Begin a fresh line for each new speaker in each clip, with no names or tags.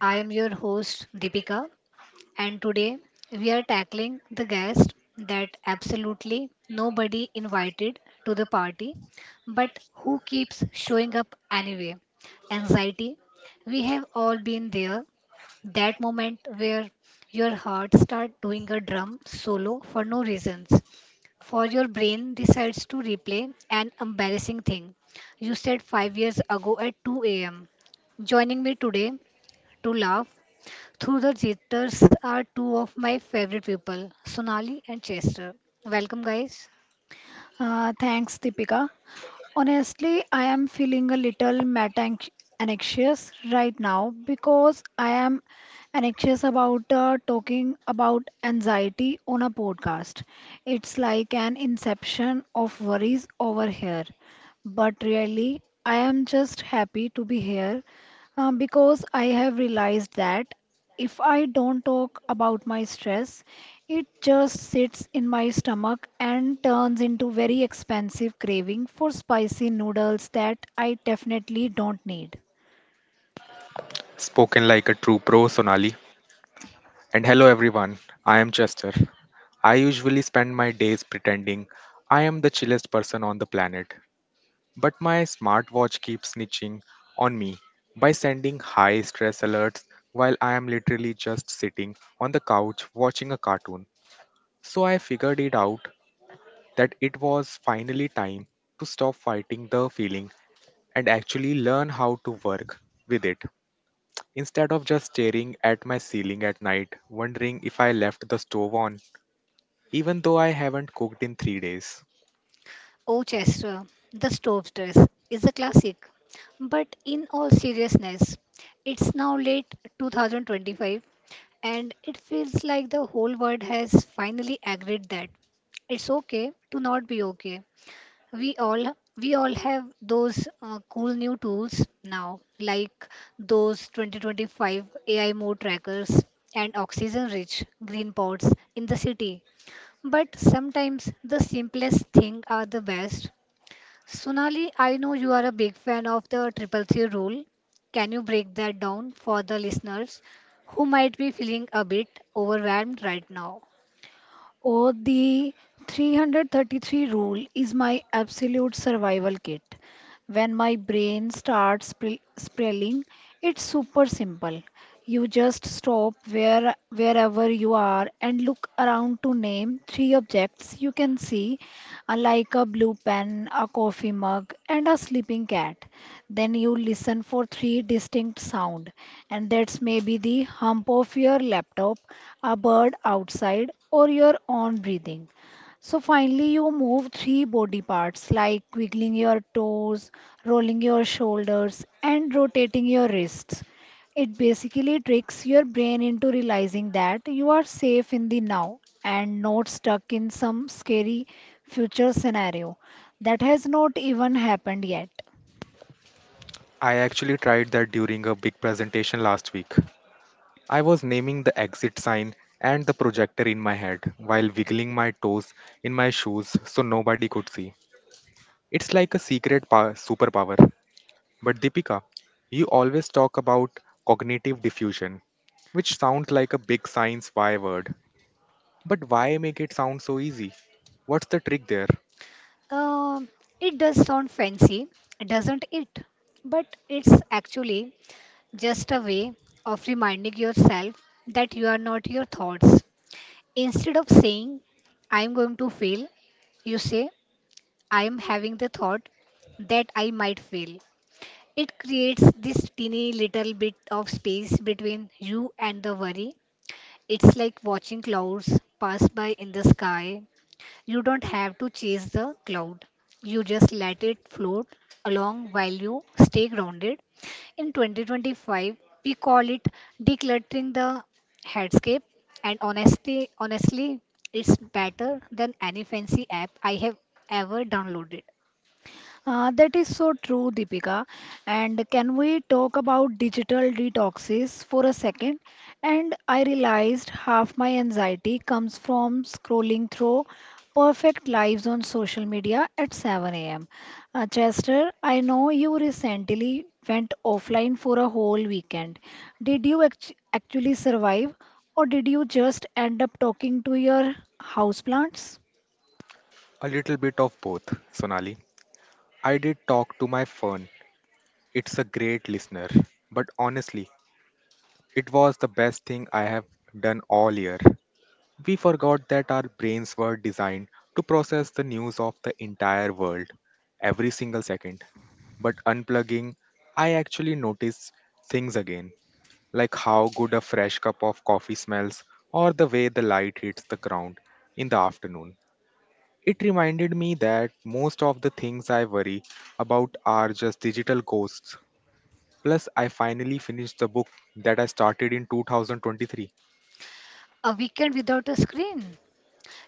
I am your host, Deepika, and today we are tackling the guest that absolutely nobody invited to the party, but who keeps showing up anyway. Anxiety. We have all been there. That moment where your heart starts doing a drum solo for no reasons. For your brain decides to replay an embarrassing thing you said 5 years ago at 2 a.m. Joining me today to laugh through the Jeters are two of my favorite people, Sonali and Chester. Welcome, guys.
Thanks, Deepika. Honestly, I am feeling a little meta anxious right now because I am anxious about talking about anxiety on a podcast. It's like an inception of worries over here. But really, I am just happy to be here because I have realized that if I don't talk about my stress, it just sits in my stomach and turns into very expensive craving for spicy noodles that I definitely don't need.
Spoken like a true pro, Sonali. And hello, everyone. I am Chester. I usually spend my days pretending I am the chillest person on the planet, but my smartwatch keeps snitching on me by sending high stress alerts while I am literally just sitting on the couch watching a cartoon. So I figured it out that it was finally time to stop fighting the feeling and actually learn how to work with it. Instead of just staring at my ceiling at night, wondering if I left the stove on, even though I haven't cooked in 3 days.
Oh, Chester, the stove dress is a classic. But in all seriousness, it's now late 2025, and it feels like the whole world has finally agreed that it's okay to not be okay. we all we all have those cool new tools now, like those 2025 AI mode trackers and oxygen rich green pods in the city. But sometimes the simplest thing are the best. Sonali, I know you are a big fan of the triple C rule. Can you break that down for the listeners who might be feeling a bit overwhelmed right now?
Oh, the 333 rule is my absolute survival kit. When my brain starts spiraling, it's super simple. You just stop wherever you are and look around to name three objects you can see, like a blue pen, a coffee mug, and a sleeping cat. Then you listen for three distinct sound, and that's maybe the hump of your laptop, a bird outside, or your own breathing. So finally, you move three body parts like wiggling your toes, rolling your shoulders, and rotating your wrists. It basically tricks your brain into realizing that you are safe in the now and not stuck in some scary future scenario that has not even happened yet.
I actually tried that during a big presentation last week. I was naming the exit sign and the projector in my head while wiggling my toes in my shoes so nobody could see. It's like a secret superpower. But Deepika, you always talk about cognitive diffusion, which sounds like a big science Y word. But why make it sound so easy? What's the trick there?
Um, it does sound fancy, doesn't it? But it's actually just a way of reminding yourself that you are not your thoughts. Instead of saying, "I'm going to fail," you say, "I am having the thought that I might fail." It creates this teeny little bit of space between you and the worry. It's like watching clouds pass by in the sky. You don't have to chase the cloud. You just let it float along while you stay grounded. In 2025, we call it decluttering the headscape. And honestly, it's better than any fancy app I have ever downloaded.
That is so true, Deepika. And can we talk about digital detoxes for a second? And I realized half my anxiety comes from scrolling through perfect lives on social media at 7 a.m. Chester, I know you recently went offline for a whole weekend. Did you actually survive, or did you just end up talking to your houseplants?
A little bit of both, Sonali. I did talk to my phone. It's a great listener. But honestly, it was the best thing I have done all year. We forgot that our brains were designed to process the news of the entire world every single second. But unplugging, I actually noticed things again, like how good a fresh cup of coffee smells or the way the light hits the ground in the afternoon. It reminded me that most of the things I worry about are just digital ghosts. Plus, I finally finished the book that I started in 2023.
A weekend without a screen.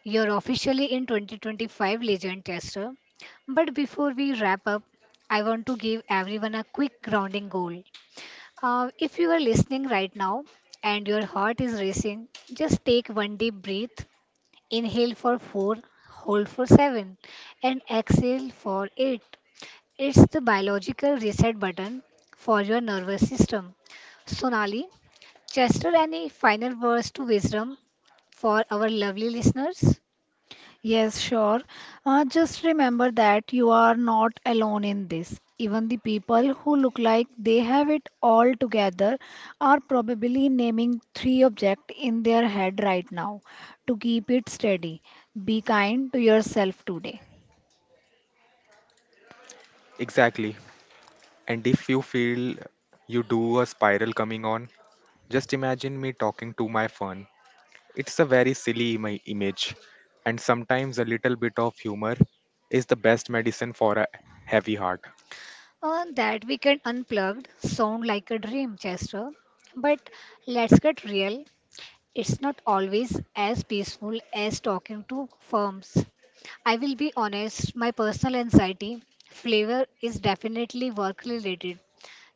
You're officially in 2025 Legend Tester. But before we wrap up, I want to give everyone a quick grounding goal. If you are listening right now and your heart is racing, just take one deep breath. Inhale for four, hold for seven, and exhale for eight. It's the biological reset button for your nervous system. Sonali, Chester, any final words to wisdom for our lovely listeners?
Yes, sure. Just remember that you are not alone in this. Even the people who look like they have it all together are probably naming three objects in their head right now to keep it steady. Be kind to yourself today.
Exactly. And if you feel you do a spiral coming on, just imagine me talking to my phone. It's a very silly image, and sometimes a little bit of humor is the best medicine for a heavy heart.
That weekend unplugged sound like a dream, Chester. But let's get real. It's not always as peaceful as talking to firms. I will be honest, my personal anxiety flavor is definitely work related.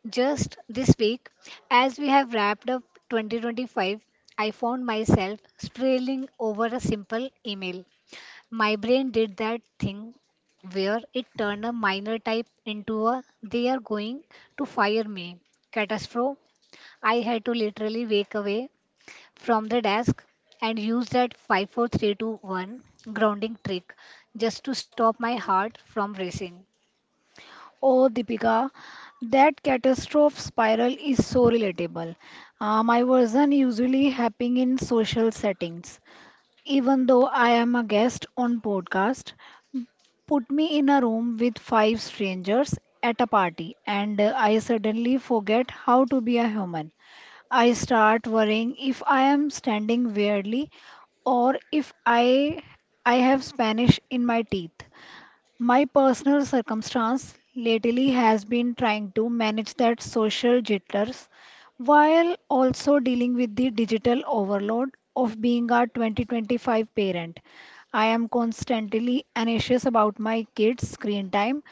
Just this week, as we have wrapped up 2025, I found myself spiraling over a simple email. My brain did that thing where it turned a minor type into a "they are going to fire me" catastrophe. I had to literally wake away from the desk and use that 5-4-3-2-1 grounding trick just to stop my heart from racing.
Oh, Deepika, that catastrophe spiral is so relatable. My version usually happen in social settings. Even though I am a guest on podcast, put me in a room with five strangers at a party, and I suddenly forget how to be a human. I start worrying if I am standing weirdly or if I have Spanish in my teeth. My personal circumstance lately has been trying to manage that social jitters while also dealing with the digital overload of being a 2025 parent. I am constantly anxious about my kids' screen time,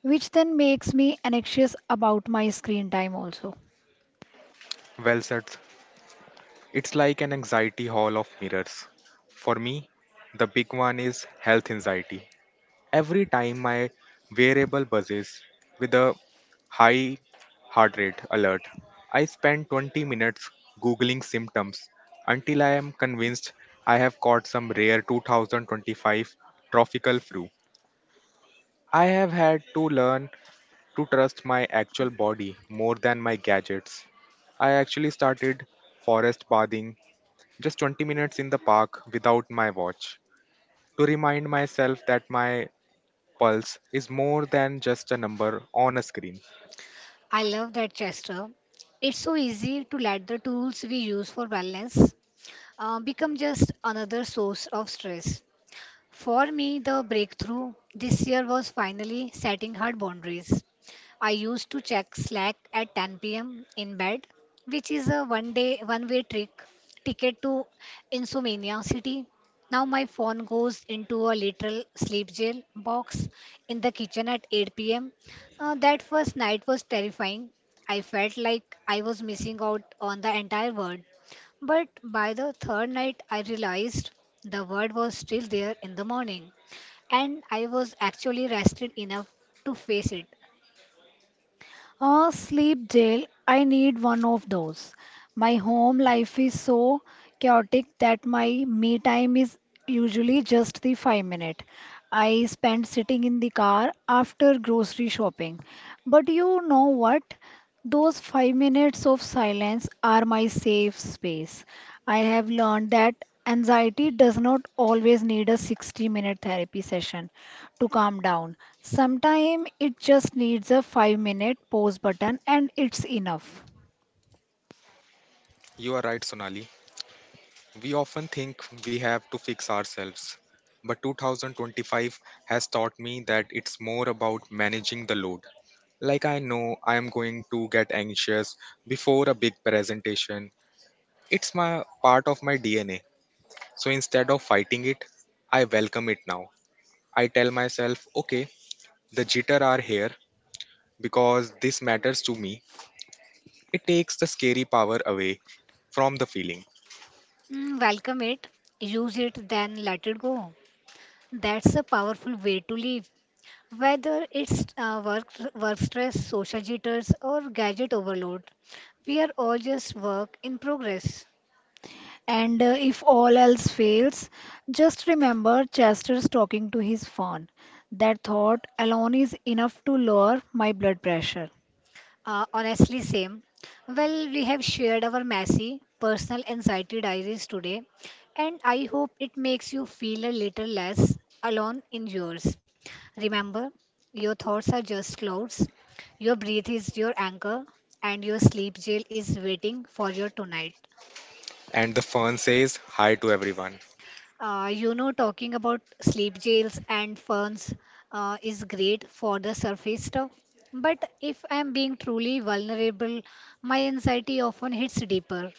which then makes me anxious about my screen time also.
Well said. It's like an anxiety hall of mirrors. For me, the big one is health anxiety. Every time my wearable buzzes with a high heart rate alert, I spend 20 minutes googling symptoms until I am convinced I have caught some rare 2025 tropical flu. I have had to learn to trust my actual body more than my gadgets. I actually started forest bathing just 20 minutes in the park without my watch to remind myself that my pulse is more than just a number on a screen.
I love that, Chester. It's so easy to let the tools we use for wellness become just another source of stress. For me, the breakthrough this year was finally setting hard boundaries. I used to check Slack at 10 p.m. in bed, which is a one day, one way trick ticket to Insomnia City. Now my phone goes into a literal sleep jail box in the kitchen at 8 p.m. That first night was terrifying. I felt like I was missing out on the entire world. But by the third night, I realized the word was still there in the morning, and I was actually rested enough to face it.
Ah, sleep jail. I need one of those. My home life is so chaotic that my me time is usually just the 5 minute I spend sitting in the car after grocery shopping. But you know what? Those 5 minutes of silence are my safe space. I have learned that anxiety does not always need a 60-minute therapy session to calm down. Sometimes it just needs a 5 minute pause button and it's enough.
You are right, Sonali. We often think we have to fix ourselves, but 2025 has taught me that it's more about managing the load. Like I know I am going to get anxious before a big presentation. It's my part of my DNA. So instead of fighting it, I welcome it now. I tell myself, okay, the jitter are here because this matters to me. It takes the scary power away from the feeling.
Welcome it, use it, then let it go. That's a powerful way to live. Whether it's work stress, social jitters, or gadget overload, we are all just work in progress.
And if all else fails, just remember Chester's talking to his phone. That thought alone is enough to lower my blood pressure.
Honestly, same. Well, we have shared our messy personal anxiety diaries today, and I hope it makes you feel a little less alone in yours. Remember, your thoughts are just clouds, your breath is your anchor, and your sleep jail is waiting for you tonight.
And the fern says hi to everyone,
Talking about sleep jails and ferns is great for the surface stuff. But if I'm being truly vulnerable, my anxiety often hits deeper.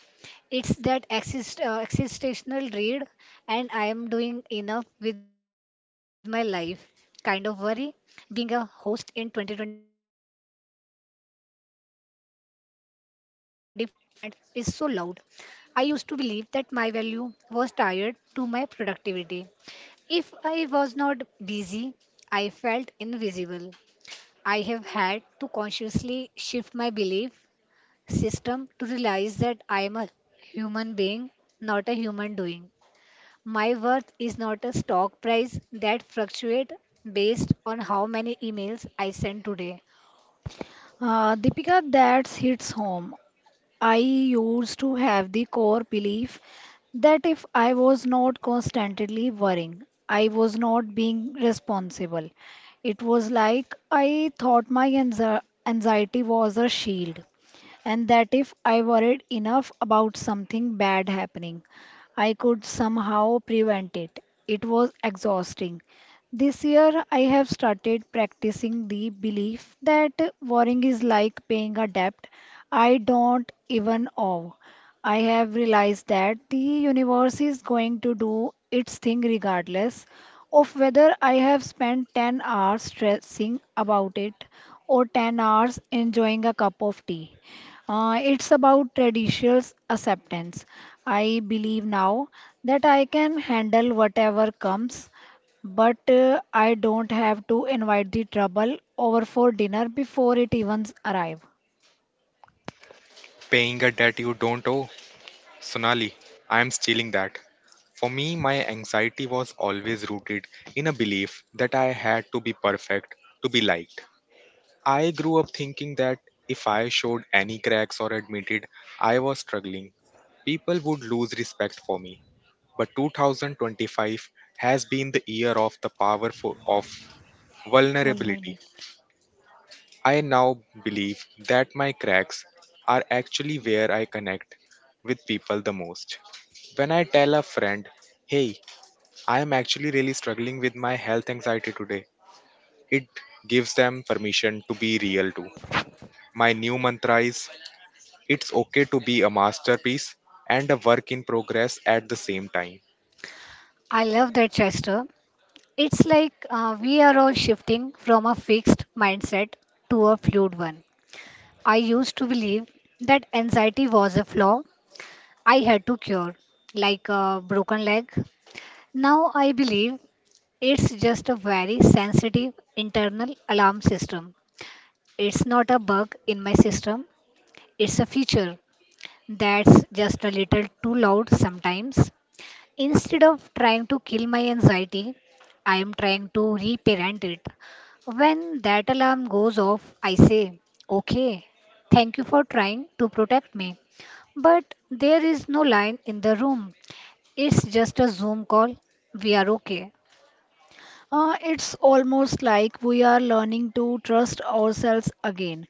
It's that existential dread, and I am doing enough with my life kind of worry. Being a host in 2025, where everything is so fast and everyone's personal brand is so loud. I used to believe that my value was tied to my productivity. If I was not busy, I felt invisible. I have had to consciously shift my belief system to realize that I am a human being, not a human doing. My worth is not a stock price that fluctuates based on how many emails I send today.
Deepika, that hits home. I used to have the core belief that if I was not constantly worrying, I was not being responsible. It was like I thought my anxiety was a shield, and that if I worried enough about something bad happening, I could somehow prevent it. It was exhausting. This year, I have started practicing the belief that worrying is like paying a debt I don't even owe. I have realized that the universe is going to do its thing regardless of whether I have spent 10 hours stressing about it or 10 hours enjoying a cup of tea. It's about traditional acceptance. I believe now that I can handle whatever comes, but I don't have to invite the trouble over for dinner before it even arrives.
paying a debt you don't owe. Sonali, I am stealing that. For me, my anxiety was always rooted in a belief that I had to be perfect to be liked. I grew up thinking that if I showed any cracks or admitted I was struggling, people would lose respect for me. But 2025 has been the year of the power of vulnerability.
Vulnerable.
I now believe that my cracks are actually where I connect with people the most. When I tell a friend, hey, I am actually really struggling with my health anxiety today, it gives them permission to be real too. My new mantra is it's okay to be a masterpiece and a work in progress at the same time.
I love that, Chester. It's like we are all shifting from a fixed mindset to a fluid one. I used to believe that anxiety was a flaw I had to cure, like a broken leg. Now I believe it's just a very sensitive internal alarm system. It's not a bug in my system, it's a feature that's just a little too loud sometimes. Instead of trying to kill my anxiety, I am trying to reparent it. When that alarm goes off, I say, "Okay, thank you for trying to protect me. But there is no line in the room. It's just a Zoom call. We are okay."
It's almost like we are learning to trust ourselves again.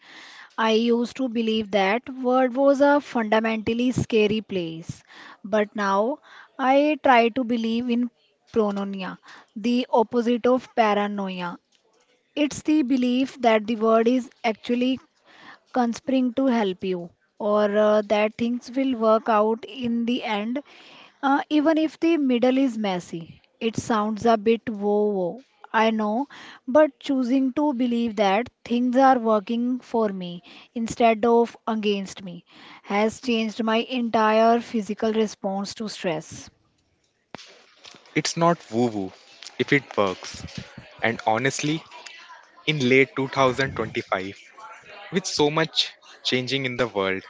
I used to believe that world was a fundamentally scary place, but now I try to believe in prononia, the opposite of paranoia. It's the belief that the world is actually conspiring to help you, or that things will work out in the end, even if the middle is messy. It sounds a bit whoa whoa, I know. But choosing to believe that things are working for me instead of against me has changed my entire physical response to stress.
It's not woo woo if it works. And honestly, in late 2025, with so much changing in the world,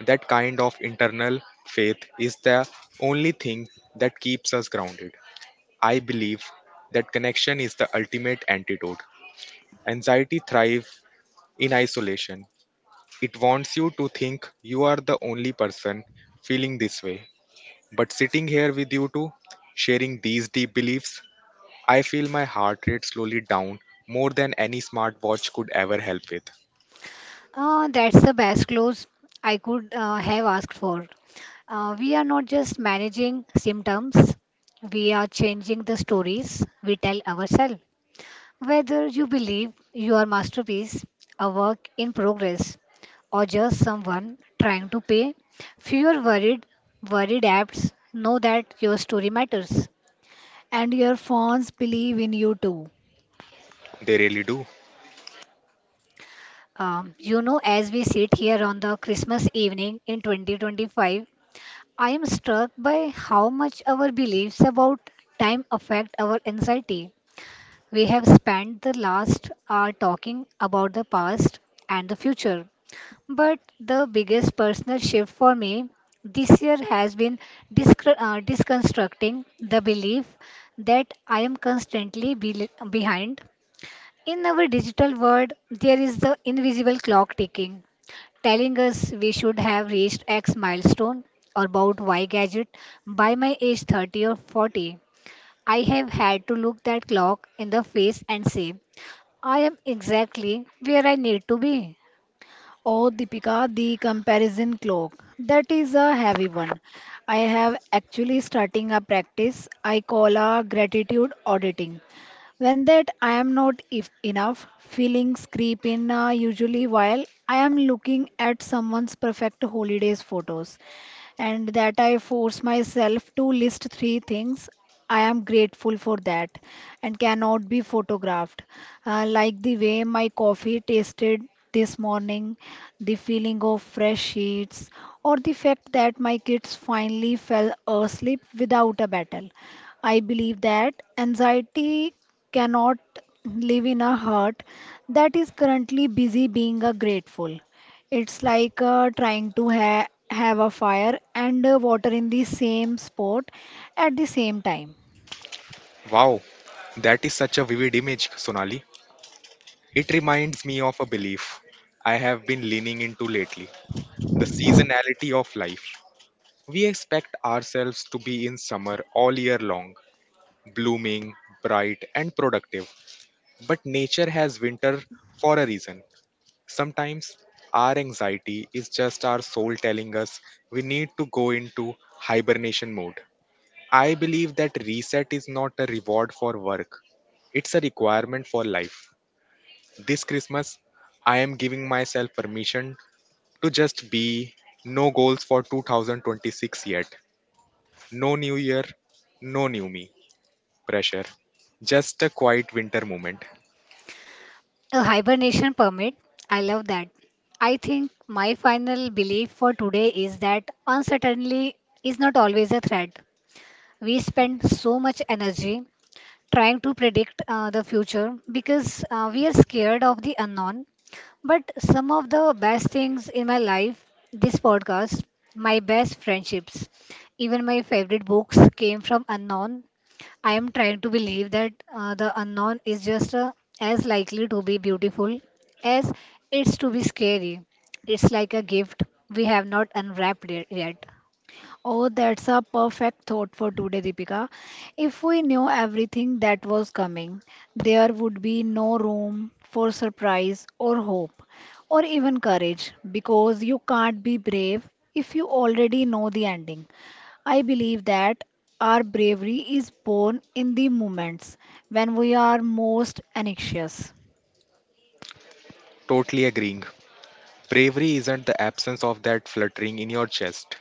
that kind of internal faith is the only thing that keeps us grounded. I believe that connection is the ultimate antidote. Anxiety thrives in isolation. It wants you to think you are the only person feeling this way. But sitting here with you two, sharing these deep beliefs, I feel my heart rate slowly down more than any smartwatch could ever help with.
That's the best close I could have asked for. We are not just managing symptoms, we are changing the stories we tell ourselves. Whether you believe your masterpiece, a work in progress, or just someone trying to pay fewer worried apps know that your story matters.
And your fans believe in you too.
They really do.
As we sit here on the Christmas evening in 2025, I am struck by how much our beliefs about time affect our anxiety. We have spent the last hour talking about the past and the future. But the biggest personal shift for me this year has been disconstructing the belief that I am constantly bel behind. In our digital world, there is the invisible clock ticking, telling us we should have reached X milestone or bought Y gadget by my age 30 or 40. I have had to look that clock in the face and say, I am exactly where I need to be.
Oh, Deepika, the comparison clock. That is a heavy one. I have actually starting a practice I call a gratitude auditing. When that I am not if enough, feelings creep in, usually while I am looking at someone's perfect holidays photos and that I force myself to list three things I am grateful for that and cannot be photographed. Like the way my coffee tasted this morning, the feeling of fresh sheets, or the fact that my kids finally fell asleep without a battle. I believe that anxiety cannot live in a heart that is currently busy being a grateful. It's like trying to ha have a fire and water in the same spot at the same time.
Wow, that is such a vivid image, Sonali. It reminds me of a belief I have been leaning into lately, the seasonality of life. We expect ourselves to be in summer all year long, blooming, bright, and productive. But nature has winter for a reason. Sometimes our anxiety is just our soul telling us we need to go into hibernation mode. I believe that reset is not a reward for work, it's a requirement for life. This Christmas, I am giving myself permission to just be, no goals for 2026 yet. No new year, no new me pressure. Just a quiet winter moment.
A hibernation permit. I love that. I think my final belief for today is that uncertainty is not always a threat. We spend so much energy trying to predict the future because we are scared of the unknown. But some of the best things in my life, this podcast, my best friendships, even my favorite books came from unknown. I am trying to believe that the unknown is just as likely to be beautiful as it's to be scary. It's like a gift we have not unwrapped it yet.
Oh, that's a perfect thought for today, Deepika. If we knew everything that was coming, there would be no room for surprise or hope or even courage, because you can't be brave if you already know the ending. I believe that our bravery is born in the moments when we are most anxious.
Totally agreeing. Bravery isn't the absence of that fluttering in your chest.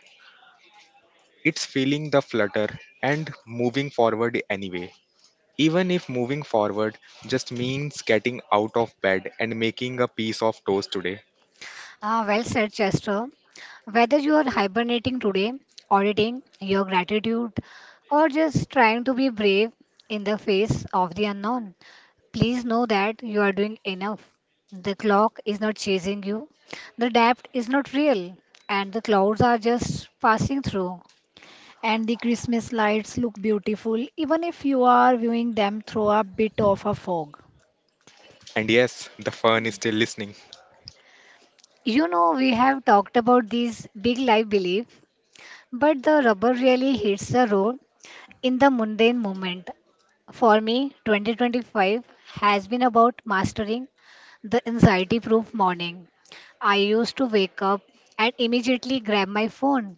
It's feeling the flutter and moving forward anyway. Even if moving forward just means getting out of bed and making a piece of toast today.
Ah, well said, Chester. Whether you are hibernating today, auditing your gratitude, or just trying to be brave in the face of the unknown, please know that you are doing enough. The clock is not chasing you, the depth is not real, and the clouds are just passing through.
And the Christmas lights look beautiful even if you are viewing them through a bit of a fog.
And yes, the fun is still listening.
We have talked about these big life belief, but the rubber really hits the road in the mundane moment. For me, 2025 has been about mastering the anxiety proof morning. I used to wake up and immediately grab my phone,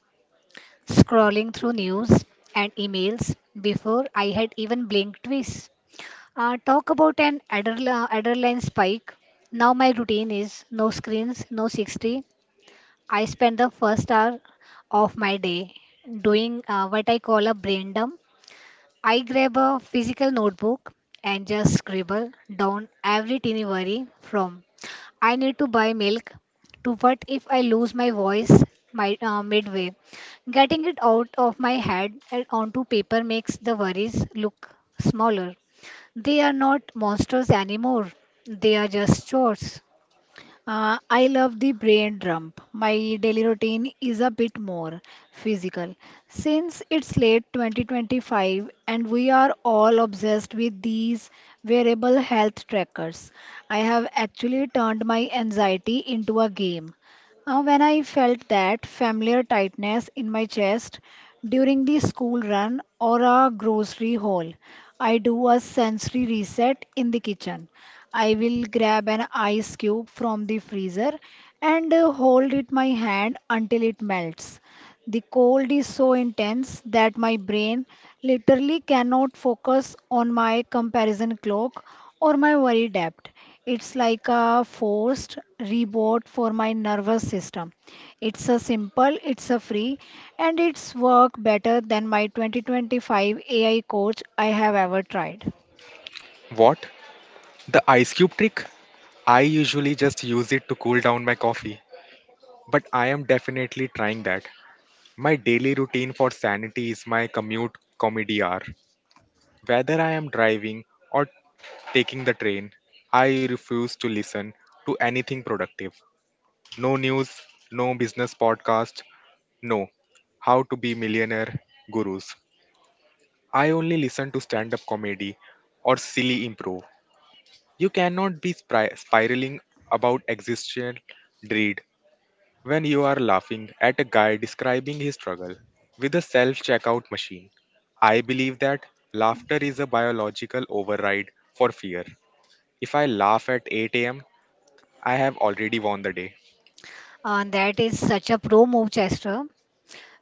scrolling through news and emails before I had even blinked twice. Talk about an adrenaline spike. Now my routine is no screens, no 60, I spend the first hour of my day doing what I call a brain dump. I grab a physical notebook and just scribble down every teeny worry, from I need to buy milk to what if I lose my voice, my midway. Getting it out of my head and onto paper makes the worries look smaller. They are not monsters anymore, they are just chores.
I love the brain dump. My daily routine is a bit more physical. Since it's late 2025 and we are all obsessed with these wearable health trackers, I have actually turned my anxiety into a game. When I felt that familiar tightness in my chest during the school run or a grocery haul, I do a sensory reset in the kitchen. I will grab an ice cube from the freezer and hold it my hand until it melts. The cold is so intense that my brain literally cannot focus on my comparison clock or my worry debt. It's like a forced reboot for my nervous system. It's a simple, it's a free, and it's work better than my 2025 AI coach I have ever tried.
What? The ice cube trick? I usually just use it to cool down my coffee, but I am definitely trying that. My daily routine for sanity is my commute comedy hour. Whether I am driving or taking the train, I refuse to listen to anything productive. No news, no business podcast, no how to be millionaire gurus. I only listen to stand up comedy or silly improv. You cannot be spiraling about existential dread when you are laughing at a guy describing his struggle with a self checkout machine. I believe that laughter is a biological override for fear. If I laugh at 8 a.m., I have already won the day.
And that is such a pro move, Chester.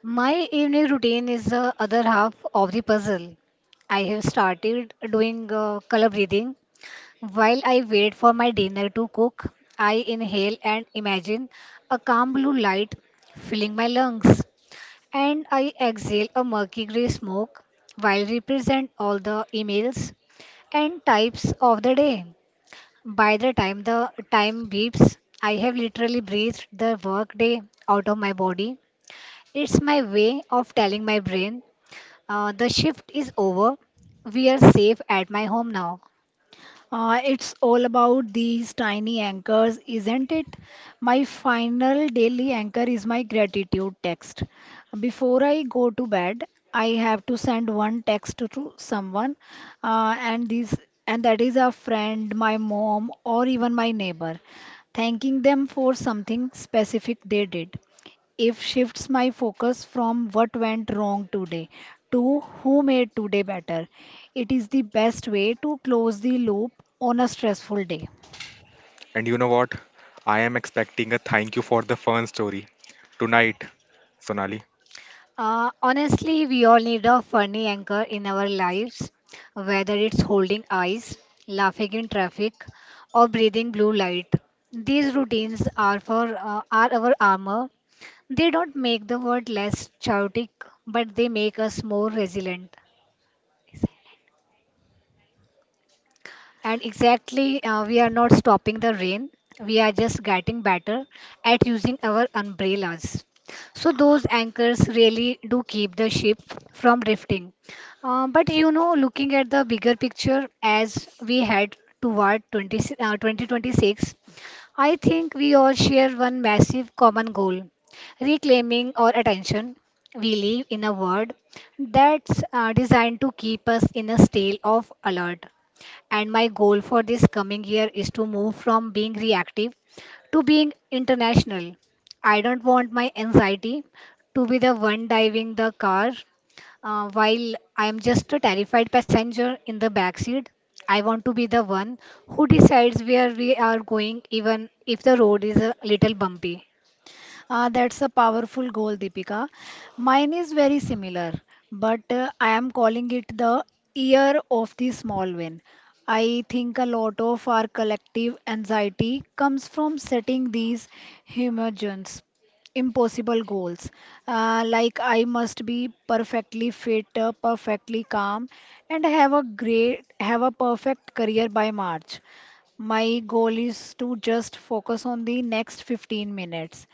My evening routine is the other half of the puzzle. I have started doing color breathing. While I wait for my dinner to cook, I inhale and imagine a calm blue light filling my lungs. And I exhale a murky gray smoke while represent all the emails and types of the day. By the time beeps, I have literally breathed the workday out of my body. It's my way of telling my brain the shift is over. We are safe at my home now.
It's all about these tiny anchors, isn't it? My final daily anchor is my gratitude text. Before I go to bed, I have to send one text to someone, and this and that is a friend, my mom, or even my neighbor, thanking them for something specific they did, if shifts my focus from what went wrong today to who made today better. It is the best way to close the loop on a stressful day.
And you know what? I am expecting a thank you for the fun story tonight, Sonali.
Honestly, we all need a funny anchor in our lives, whether it's holding eyes, laughing in traffic, or breathing blue light. These routines are for are our armor. They don't make the world less chaotic, but they make us more resilient. And exactly, we are not stopping the rain. We are just getting better at using our umbrellas. So those anchors really do keep the ship from drifting. But looking at the bigger picture as we head toward 2026, I think we all share one massive common goal reclaiming our attention. We live in a world that's designed to keep us in a state of alert. And my goal for this coming year is to move from being reactive to being international. I don't want my anxiety to be the one driving the car while I am just a terrified passenger in the backseat. I want to be the one who decides where we are going, even if the road is a little bumpy.
That's a powerful goal, Deepika. Mine is very similar, but I am calling it the year of the small win. I think a lot of our collective anxiety comes from setting these homogeneous impossible goals, like I must be perfectly fit, perfectly calm, and have a perfect career by March. My goal is to just focus on the next 15 minutes.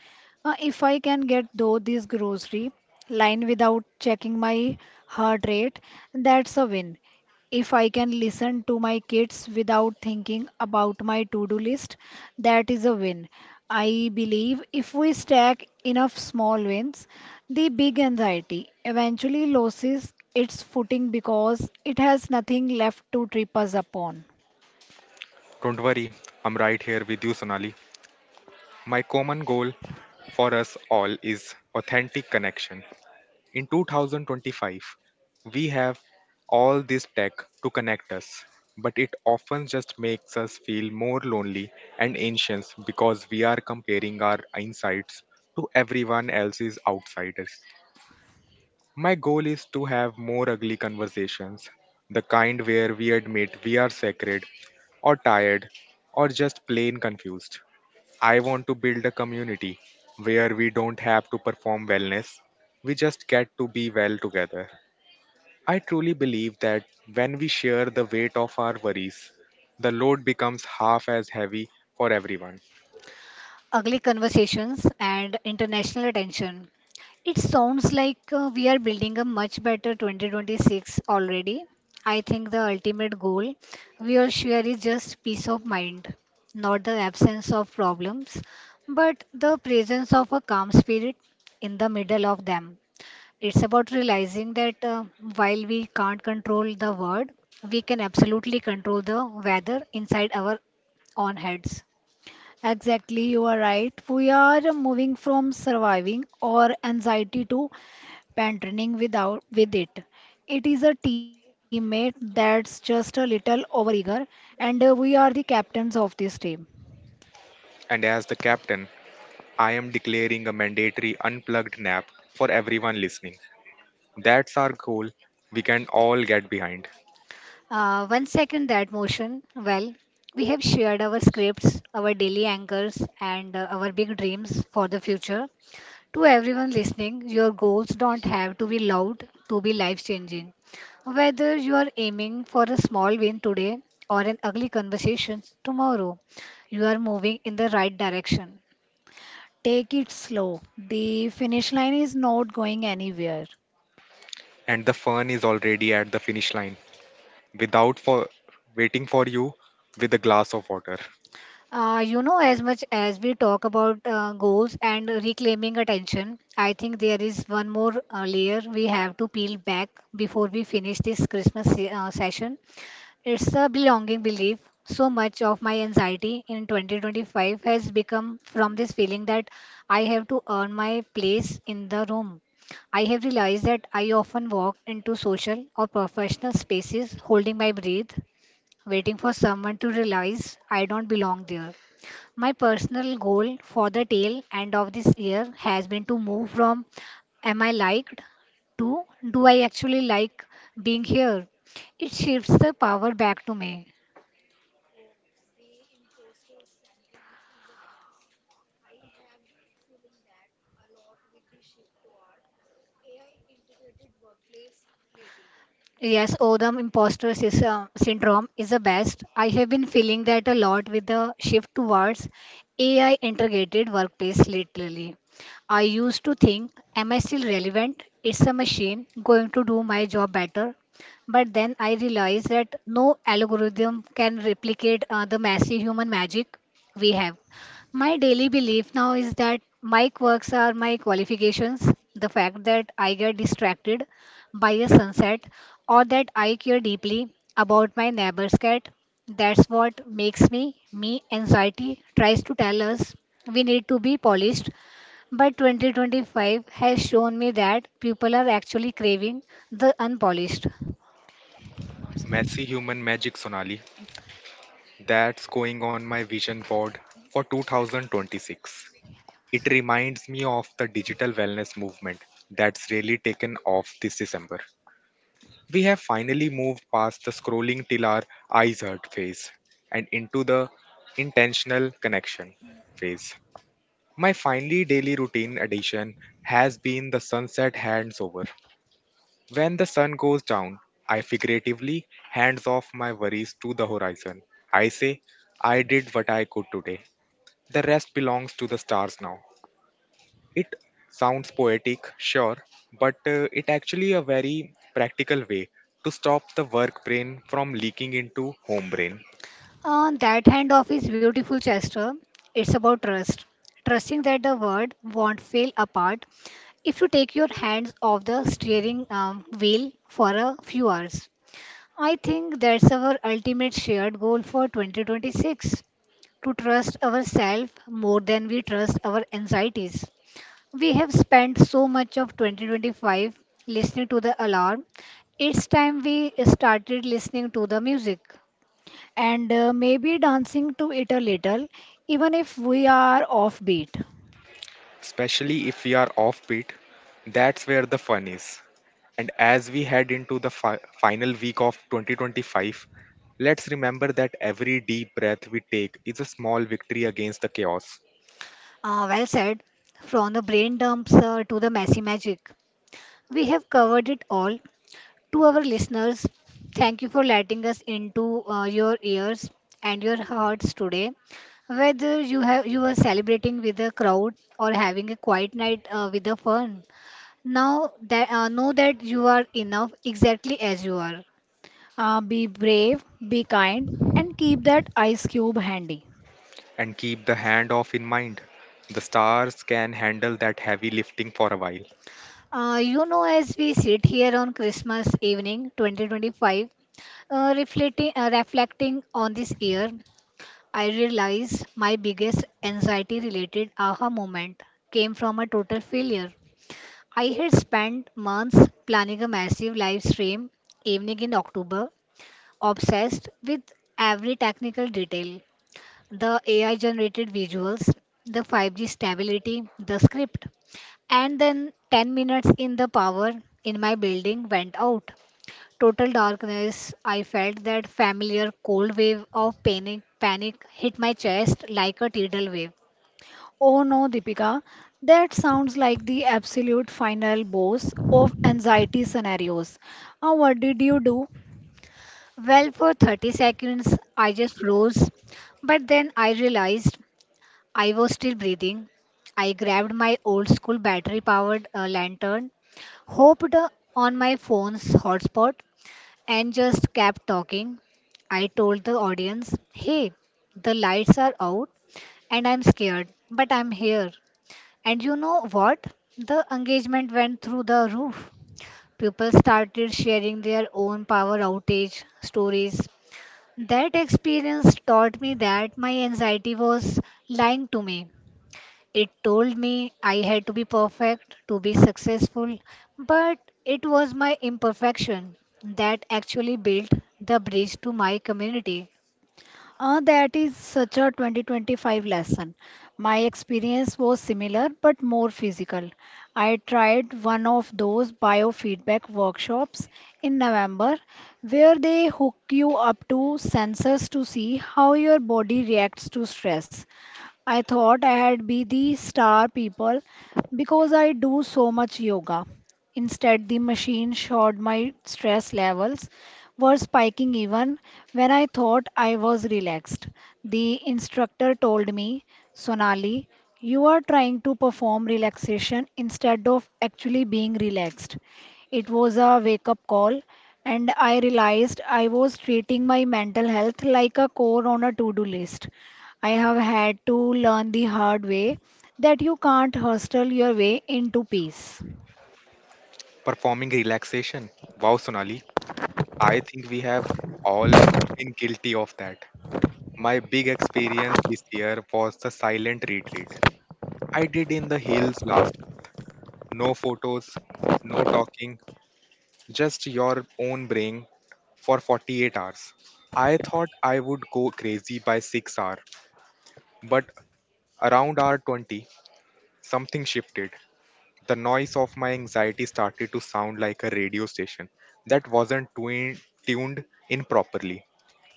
If I can get though this grocery line without checking my heart rate, that's a win. If I can listen to my kids without thinking about my to-do list, that is a win. I believe if we stack enough small wins, the big anxiety eventually loses its footing because it has nothing left to trip us upon.
Don't worry, I'm right here with you, Sonali. My common goal for us all is authentic connection. In 2025, we have all this tech to connect us, but it often just makes us feel more lonely and anxious because we are comparing our insights to everyone else's outsiders. My goal is to have more ugly conversations, the kind where we admit we are sacred, or tired, or just plain confused. I want to build a community where we don't have to perform wellness, we just get to be well together. I truly believe that when we share the weight of our worries, the load becomes half as heavy for everyone.
Ugly conversations, and international attention. It sounds like we are building a much better 2026 already. I think the ultimate goal we all share is just peace of mind, not the absence of problems, but the presence of a calm spirit in the middle of them. It's about realizing that while we can't control the world, we can absolutely control the weather inside our own heads.
Exactly, you are right. We are moving from surviving or anxiety to and running without with it. It is a teammate that's just a little overeager, and we are the captains of this team.
And as the captain, I am declaring a mandatory unplugged nap for everyone listening. That's our goal we can all get behind.
One second that motion. Well, we have shared our scripts, our daily anchors, and our big dreams for the future. To everyone listening, your goals don't have to be loud to be life changing. Whether you are aiming for a small win today or an ugly conversation tomorrow, you are moving in the right direction.
Take it slow. The finish line is not going anywhere.
And the fun is already at the finish line without for waiting for you with a glass of water.
As much as we talk about goals and reclaiming attention, I think there is one more layer we have to peel back before we finish this session. It's the belonging belief. So much of my anxiety in 2025 has become from this feeling that I have to earn my place in the room. I have realized that I often walk into social or professional spaces holding my breath, waiting for someone to realize I don't belong there. My personal goal for the tail end of this year has been to move from "Am I liked?" to "Do I actually like being here?" It shifts the power back to me. Yes, Odam imposter syndrome is the best. I have been feeling that a lot with the shift towards AI integrated workplace lately. I used to think, am I still relevant? It's a machine going to do my job better. But then I realized that no algorithm can replicate the messy human magic we have. My daily belief now is that my quirks are my qualifications. The fact that I get distracted by a sunset, or that I care deeply about my neighbor's cat. That's what makes me me. Anxiety tries to tell us we need to be polished, but 2025 has shown me that people are actually craving the unpolished.
Messy human magic, Sonali. That's going on my vision board for 2026. It reminds me of the digital wellness movement that's really taken off this December. We have finally moved past the scrolling till our eyes hurt phase and into the intentional connection phase. My finally daily routine addition has been the sunset hands over. When the sun goes down, I figuratively hands off my worries to the horizon. I say, I did what I could today. The rest belongs to the stars now. It sounds poetic, sure, but it actually a very practical way to stop the work brain from leaking into home brain.
On that handoff is beautiful, Chester. It's about trust. Trusting that the world won't fail apart if you take your hands off the steering wheel for a few hours. I think that's our ultimate shared goal for 2026, to trust ourselves more than we trust our anxieties. We have spent so much of 2025 listening to the alarm. It's time we started listening to the music.
And maybe dancing to it a little, even if we are offbeat.
Especially if we are offbeat. That's where the fun is. And as we head into the final week of 2025, let's remember that every deep breath we take is a small victory against the chaos.
Well said. From the brain dumps to the messy magic. We have covered it all. To our listeners, thank you for letting us into your ears and your hearts today. Whether you are celebrating with a crowd or having a quiet night with a friend, now that know that you are enough exactly as you are.
Be brave, be kind, and keep that ice cube handy.
And keep the handoff in mind. The stars can handle that heavy lifting for a while.
As we sit here on Christmas evening 2025, reflecting on this year, I realize my biggest anxiety related aha moment came from a total failure. I had spent months planning a massive live stream evening in October, obsessed with every technical detail: the AI generated visuals, the 5G stability, the script. And then 10 minutes in, the power in my building went out. Total darkness. I felt that familiar cold wave of panic hit my chest like a tidal wave.
Oh no, Deepika, that sounds like the absolute final boss of anxiety scenarios. What did you do?
Well, for 30 seconds, I just froze. But then I realized I was still breathing. I grabbed my old school battery powered lantern, hopped on my phone's hotspot, and just kept talking. I told the audience, "Hey, the lights are out and I'm scared, but I'm here." And you know what? The engagement went through the roof. People started sharing their own power outage stories. That experience taught me that my anxiety was lying to me. It told me I had to be perfect to be successful, but it was my imperfection that actually built the bridge to my community.
That is such a 2025 lesson. My experience was similar but more physical. I tried one of those biofeedback workshops in November where they hook you up to sensors to see how your body reacts to stress. I thought I had be the star people because I do so much yoga. Instead, the machine showed my stress levels were spiking even when I thought I was relaxed. The instructor told me, "Sonali, you are trying to perform relaxation instead of actually being relaxed." It was a wake up call, and I realized I was treating my mental health like a core on a to do list. I have had to learn the hard way that you can't hustle your way into peace.
Performing relaxation. Wow, Sonali, I think we have all been guilty of that. My big experience this year was the silent retreat I did in the hills last. No photos, no talking, just your own brain for 48 hours. I thought I would go crazy by 6 hour, but around hour 20, something shifted. The noise of my anxiety started to sound like a radio station that wasn't tuned in properly,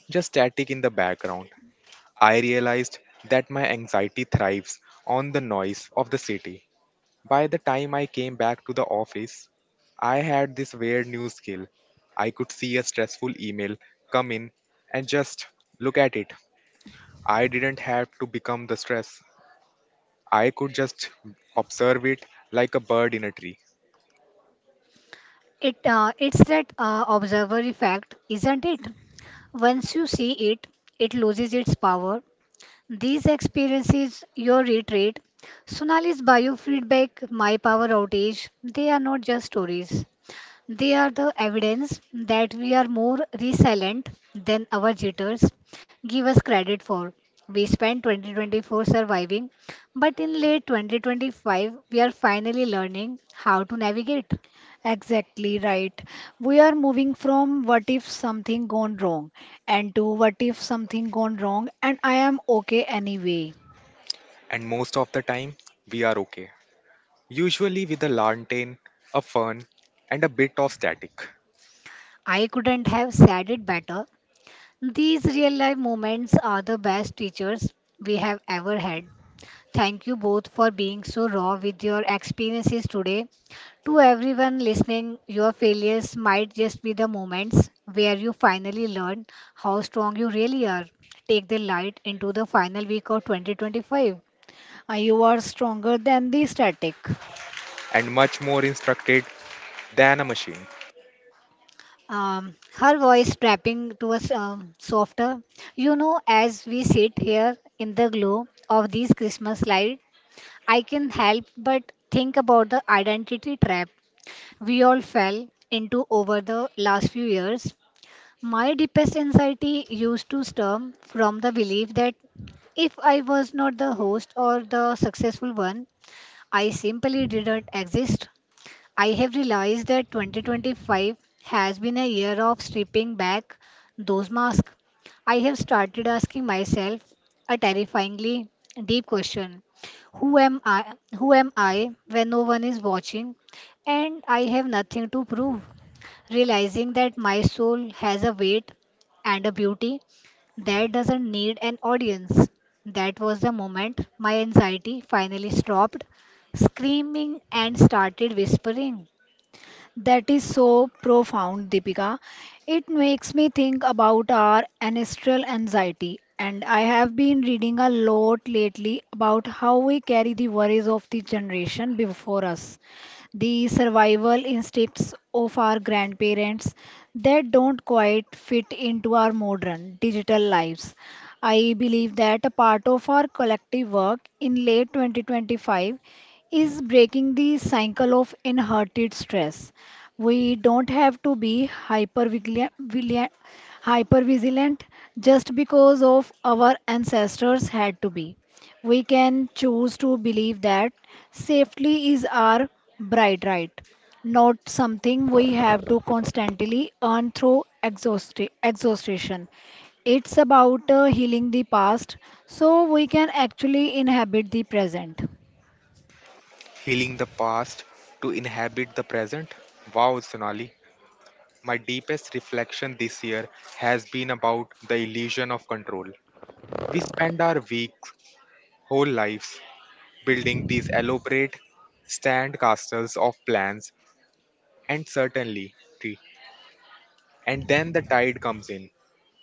just static in the background. I realized that my anxiety thrives on the noise of the city. By the time I came back to the office, I had this weird new skill. I could see a stressful email come in and just look at it. I didn't have to become the stress. I could just observe it like a bird in a tree.
It's that observer effect, isn't it? Once you see it, it loses its power. These experiences, your retreat, Sonali's biofeedback, my power outage, they are not just stories. They are the evidence that we are more resilient than our jitters give us credit for. We spent 2024 surviving, but in late 2025, we are finally learning how to navigate.
Exactly right. We are moving from what if something gone wrong and to what if something gone wrong and I am okay anyway.
And most of the time, we are okay. Usually with a lantern, a fern, and a bit of static.
I couldn't have said it better. These real life moments are the best teachers we have ever had. Thank you both for being so raw with your experiences today. To everyone listening, your failures might just be the moments where you finally learn how strong you really are. Take the light into the final week of 2025.
You are stronger than the static.
And much more instructed than a machine.
Her voice trapping to us softer. You know, as we sit here in the glow of these Christmas lights, I can help but think about the identity trap we all fell into over the last few years. My deepest anxiety used to stem from the belief that if I was not the host or the successful one, I simply didn't exist. I have realized that 2025 has been a year of stripping back those masks. I have started asking myself a terrifyingly deep question. Who am I? Who am I when no one is watching and I have nothing to prove? Realizing that my soul has a weight and a beauty that doesn't need an audience. That was the moment my anxiety finally stopped screaming and started whispering,
That is so profound, Deepika. It makes me think about our ancestral anxiety. And I have been reading a lot lately about how we carry the worries of the generation before us, the survival instincts of our grandparents that don't quite fit into our modern digital lives. I believe that a part of our collective work in late 2025 is breaking the cycle of inherited stress. We don't have to be hyper vigilant just because of our ancestors had to be. We can choose to believe that safety is our bright right, not something we have to constantly earn through exhaustion. It's about healing the past so we can actually inhabit the present.
Healing the past to inhabit the present. Wow, Sonali. My deepest reflection this year has been about the illusion of control. We spend our weeks, whole lives, building these elaborate sand castles of plans and certainty, and then the tide comes in.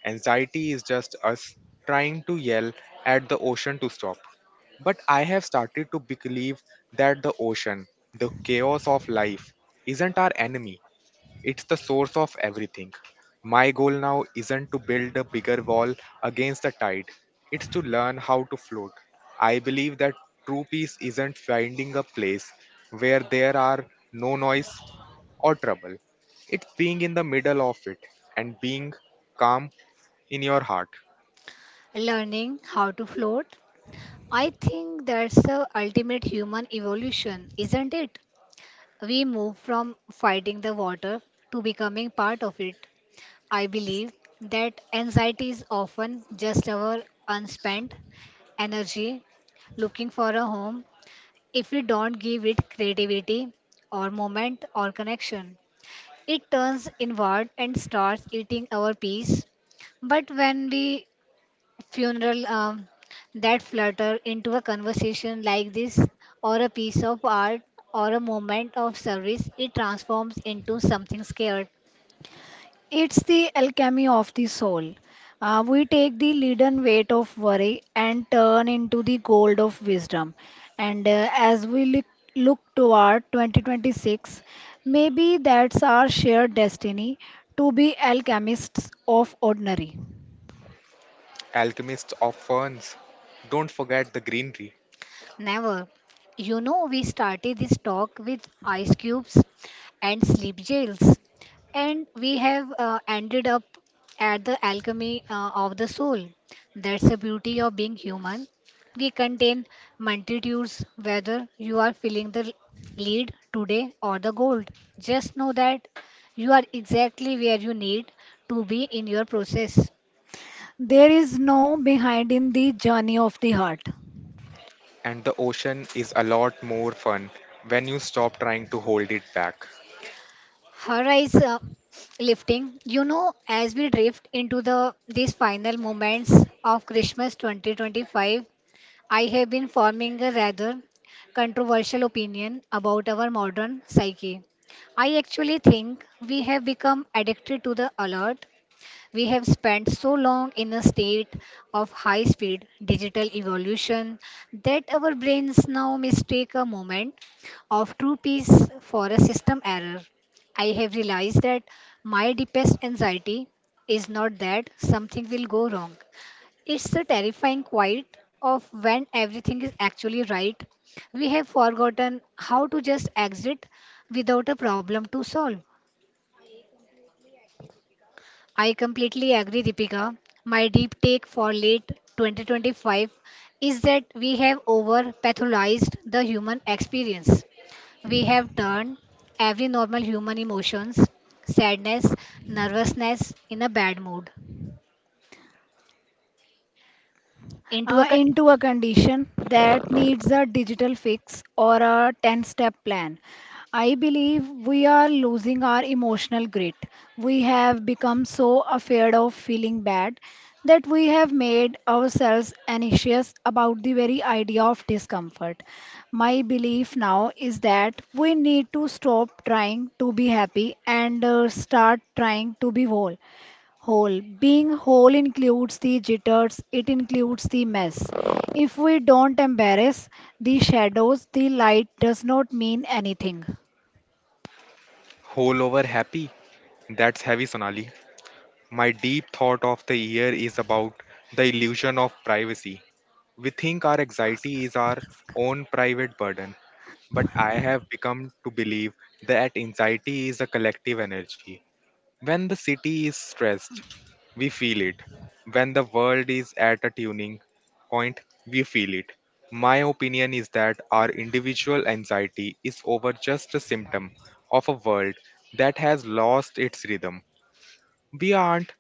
Anxiety is just us trying to yell at the ocean to stop. But I have started to believe that the ocean, the chaos of life, isn't our enemy. It's the source of everything. My goal now isn't to build a bigger wall against the tide, it's to learn how to float. I believe that true peace isn't finding a place where there are no noise or trouble. It's being in the middle of it and being calm in your heart.
learning how to float. I think that's the ultimate human evolution, isn't it? We move from fighting the water to becoming part of it. I believe that anxiety is often just our unspent energy looking for a home. If we don't give it creativity or moment or connection, it turns inward and starts eating our peace. But when we funeral that flutter into a conversation like this, or a piece of art, or a moment of service, it transforms into something scared.
It's the alchemy of the soul. We take the leaden weight of worry and turn into the gold of wisdom. And as we look toward 2026, maybe that's our shared destiny to be alchemists of ordinary.
Alchemists of ferns, don't forget the greenery.
Never. You know, we started this talk with ice cubes and sleep gels, and we have ended up at the alchemy of the soul. That's the beauty of being human. We contain multitudes, whether you are feeling the lead today or the gold. Just know that you are exactly where you need to be in your process.
There is no behind in the journey of the heart.
And the ocean is a lot more fun when you stop trying to hold it back.
Horizon Lifting. You know, as we drift into the these final moments of Christmas 2025, I have been forming a rather controversial opinion about our modern psyche. I actually think we have become addicted to the alert. We have spent so long in a state of high speed digital evolution that our brains now mistake a moment of true peace for a system error. I have realized that my deepest anxiety is not that something will go wrong. It's the terrifying quiet of when everything is actually right. We have forgotten how to just exit without a problem to solve. I completely agree, Deepika. My deep take for late 2025 is that we have over pathologized the human experience. We have turned every normal human emotions, sadness, nervousness in a bad mood, into a con-.
Into a condition that needs a digital fix or a 10 step plan. I believe we are losing our emotional grit. We have become so afraid of feeling bad that we have made ourselves anxious about the very idea of discomfort. My belief now is that we need to stop trying to be happy and start trying to be whole. Whole. Being whole includes the jitters, it includes the mess. If we don't embrace the shadows, the light does not mean anything.
Whole over happy? That's heavy, Sonali. My deep thought of the year is about the illusion of privacy. We think our anxiety is our own private burden, but I have become to believe that anxiety is a collective energy. When the city is stressed, we feel it. When the world is at a tuning point, we feel it. My opinion is that our individual anxiety is over just a symptom of a world that has lost its rhythm. We aren't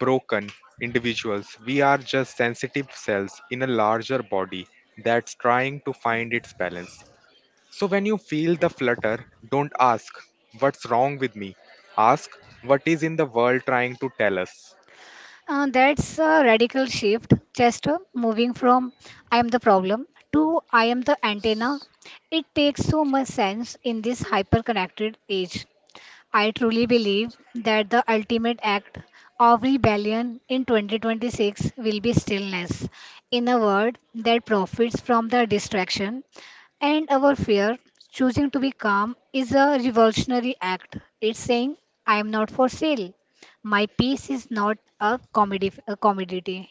broken individuals, we are just sensitive cells in a larger body that's trying to find its balance. So when you feel the flutter, don't ask, what's wrong with me? Ask, what is in the world trying to tell us?
That's a radical shift, just moving from "I am the problem" to "I am the antenna." It takes so much sense in this hyper connected age. I truly believe that the ultimate act of rebellion in 2026 will be stillness, in a word that profits from the distraction and our fear. Choosing to be calm is a revolutionary act. It's saying, "I am not for sale. My peace is not a a commodity."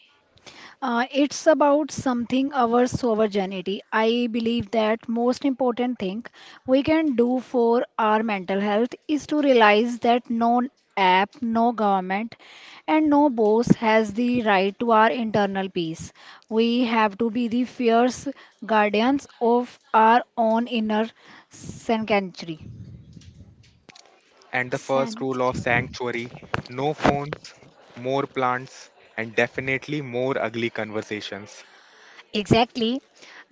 It's about something our sovereignty. I believe that most important thing we can do for our mental health is to realize that no app, no government, and no boss has the right to our internal peace. We have to be the fierce guardians of our own inner sanctuary.
And the first rule of
Sanctuary.
sanctuary, no phones, more plants, and definitely more ugly conversations.
Exactly.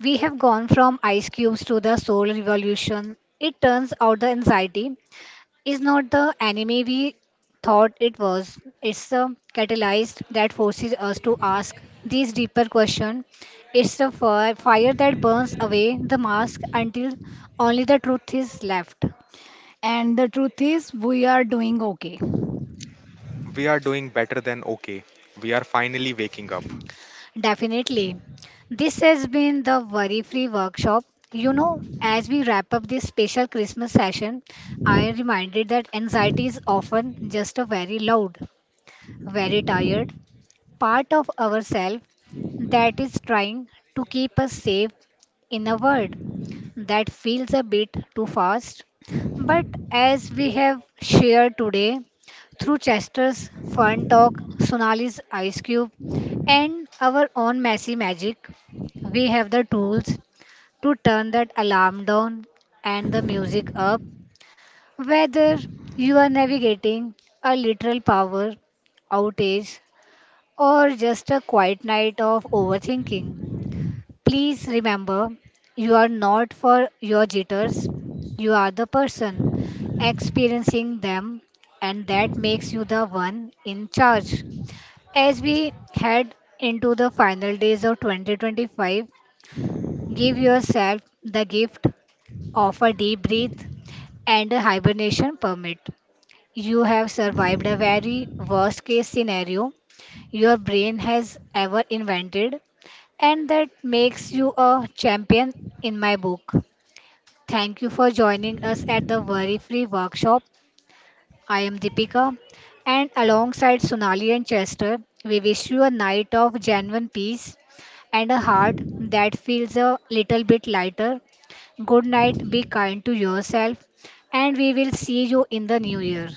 We have gone from ice cubes to the soul revolution. It turns out the anxiety is not the anime we thought it was. It's a catalyst that forces us to ask these deeper questions. It's the fire that burns away the mask until only the truth is left.
And the truth is, we are doing okay.
We are doing better than okay. We are finally waking up.
Definitely. This has been the Worry Free Workshop. You know, as we wrap up this special Christmas session, I am reminded that anxiety is often just a very loud, very tired, part of ourselves that is trying to keep us safe in a world that feels a bit too fast. But as we have shared today through Chester's fun talk, Sonali's ice cube, and our own messy magic, we have the tools to turn that alarm down and the music up. Whether you are navigating a literal power outage or just a quiet night of overthinking, please remember you are not for your jitters, you are the person experiencing them, and that makes you the one in charge. As we head into the final days of 2025, give yourself the gift of a deep breath and a hibernation permit. You have survived a very worst case scenario your brain has ever invented, and that makes you a champion in my book. Thank you for joining us at the Worry Free Workshop. I am Deepika, and alongside Sonali and Chester, we wish you a night of genuine peace and a heart that feels a little bit lighter. Good night, be kind to yourself, and we will see you in the new year.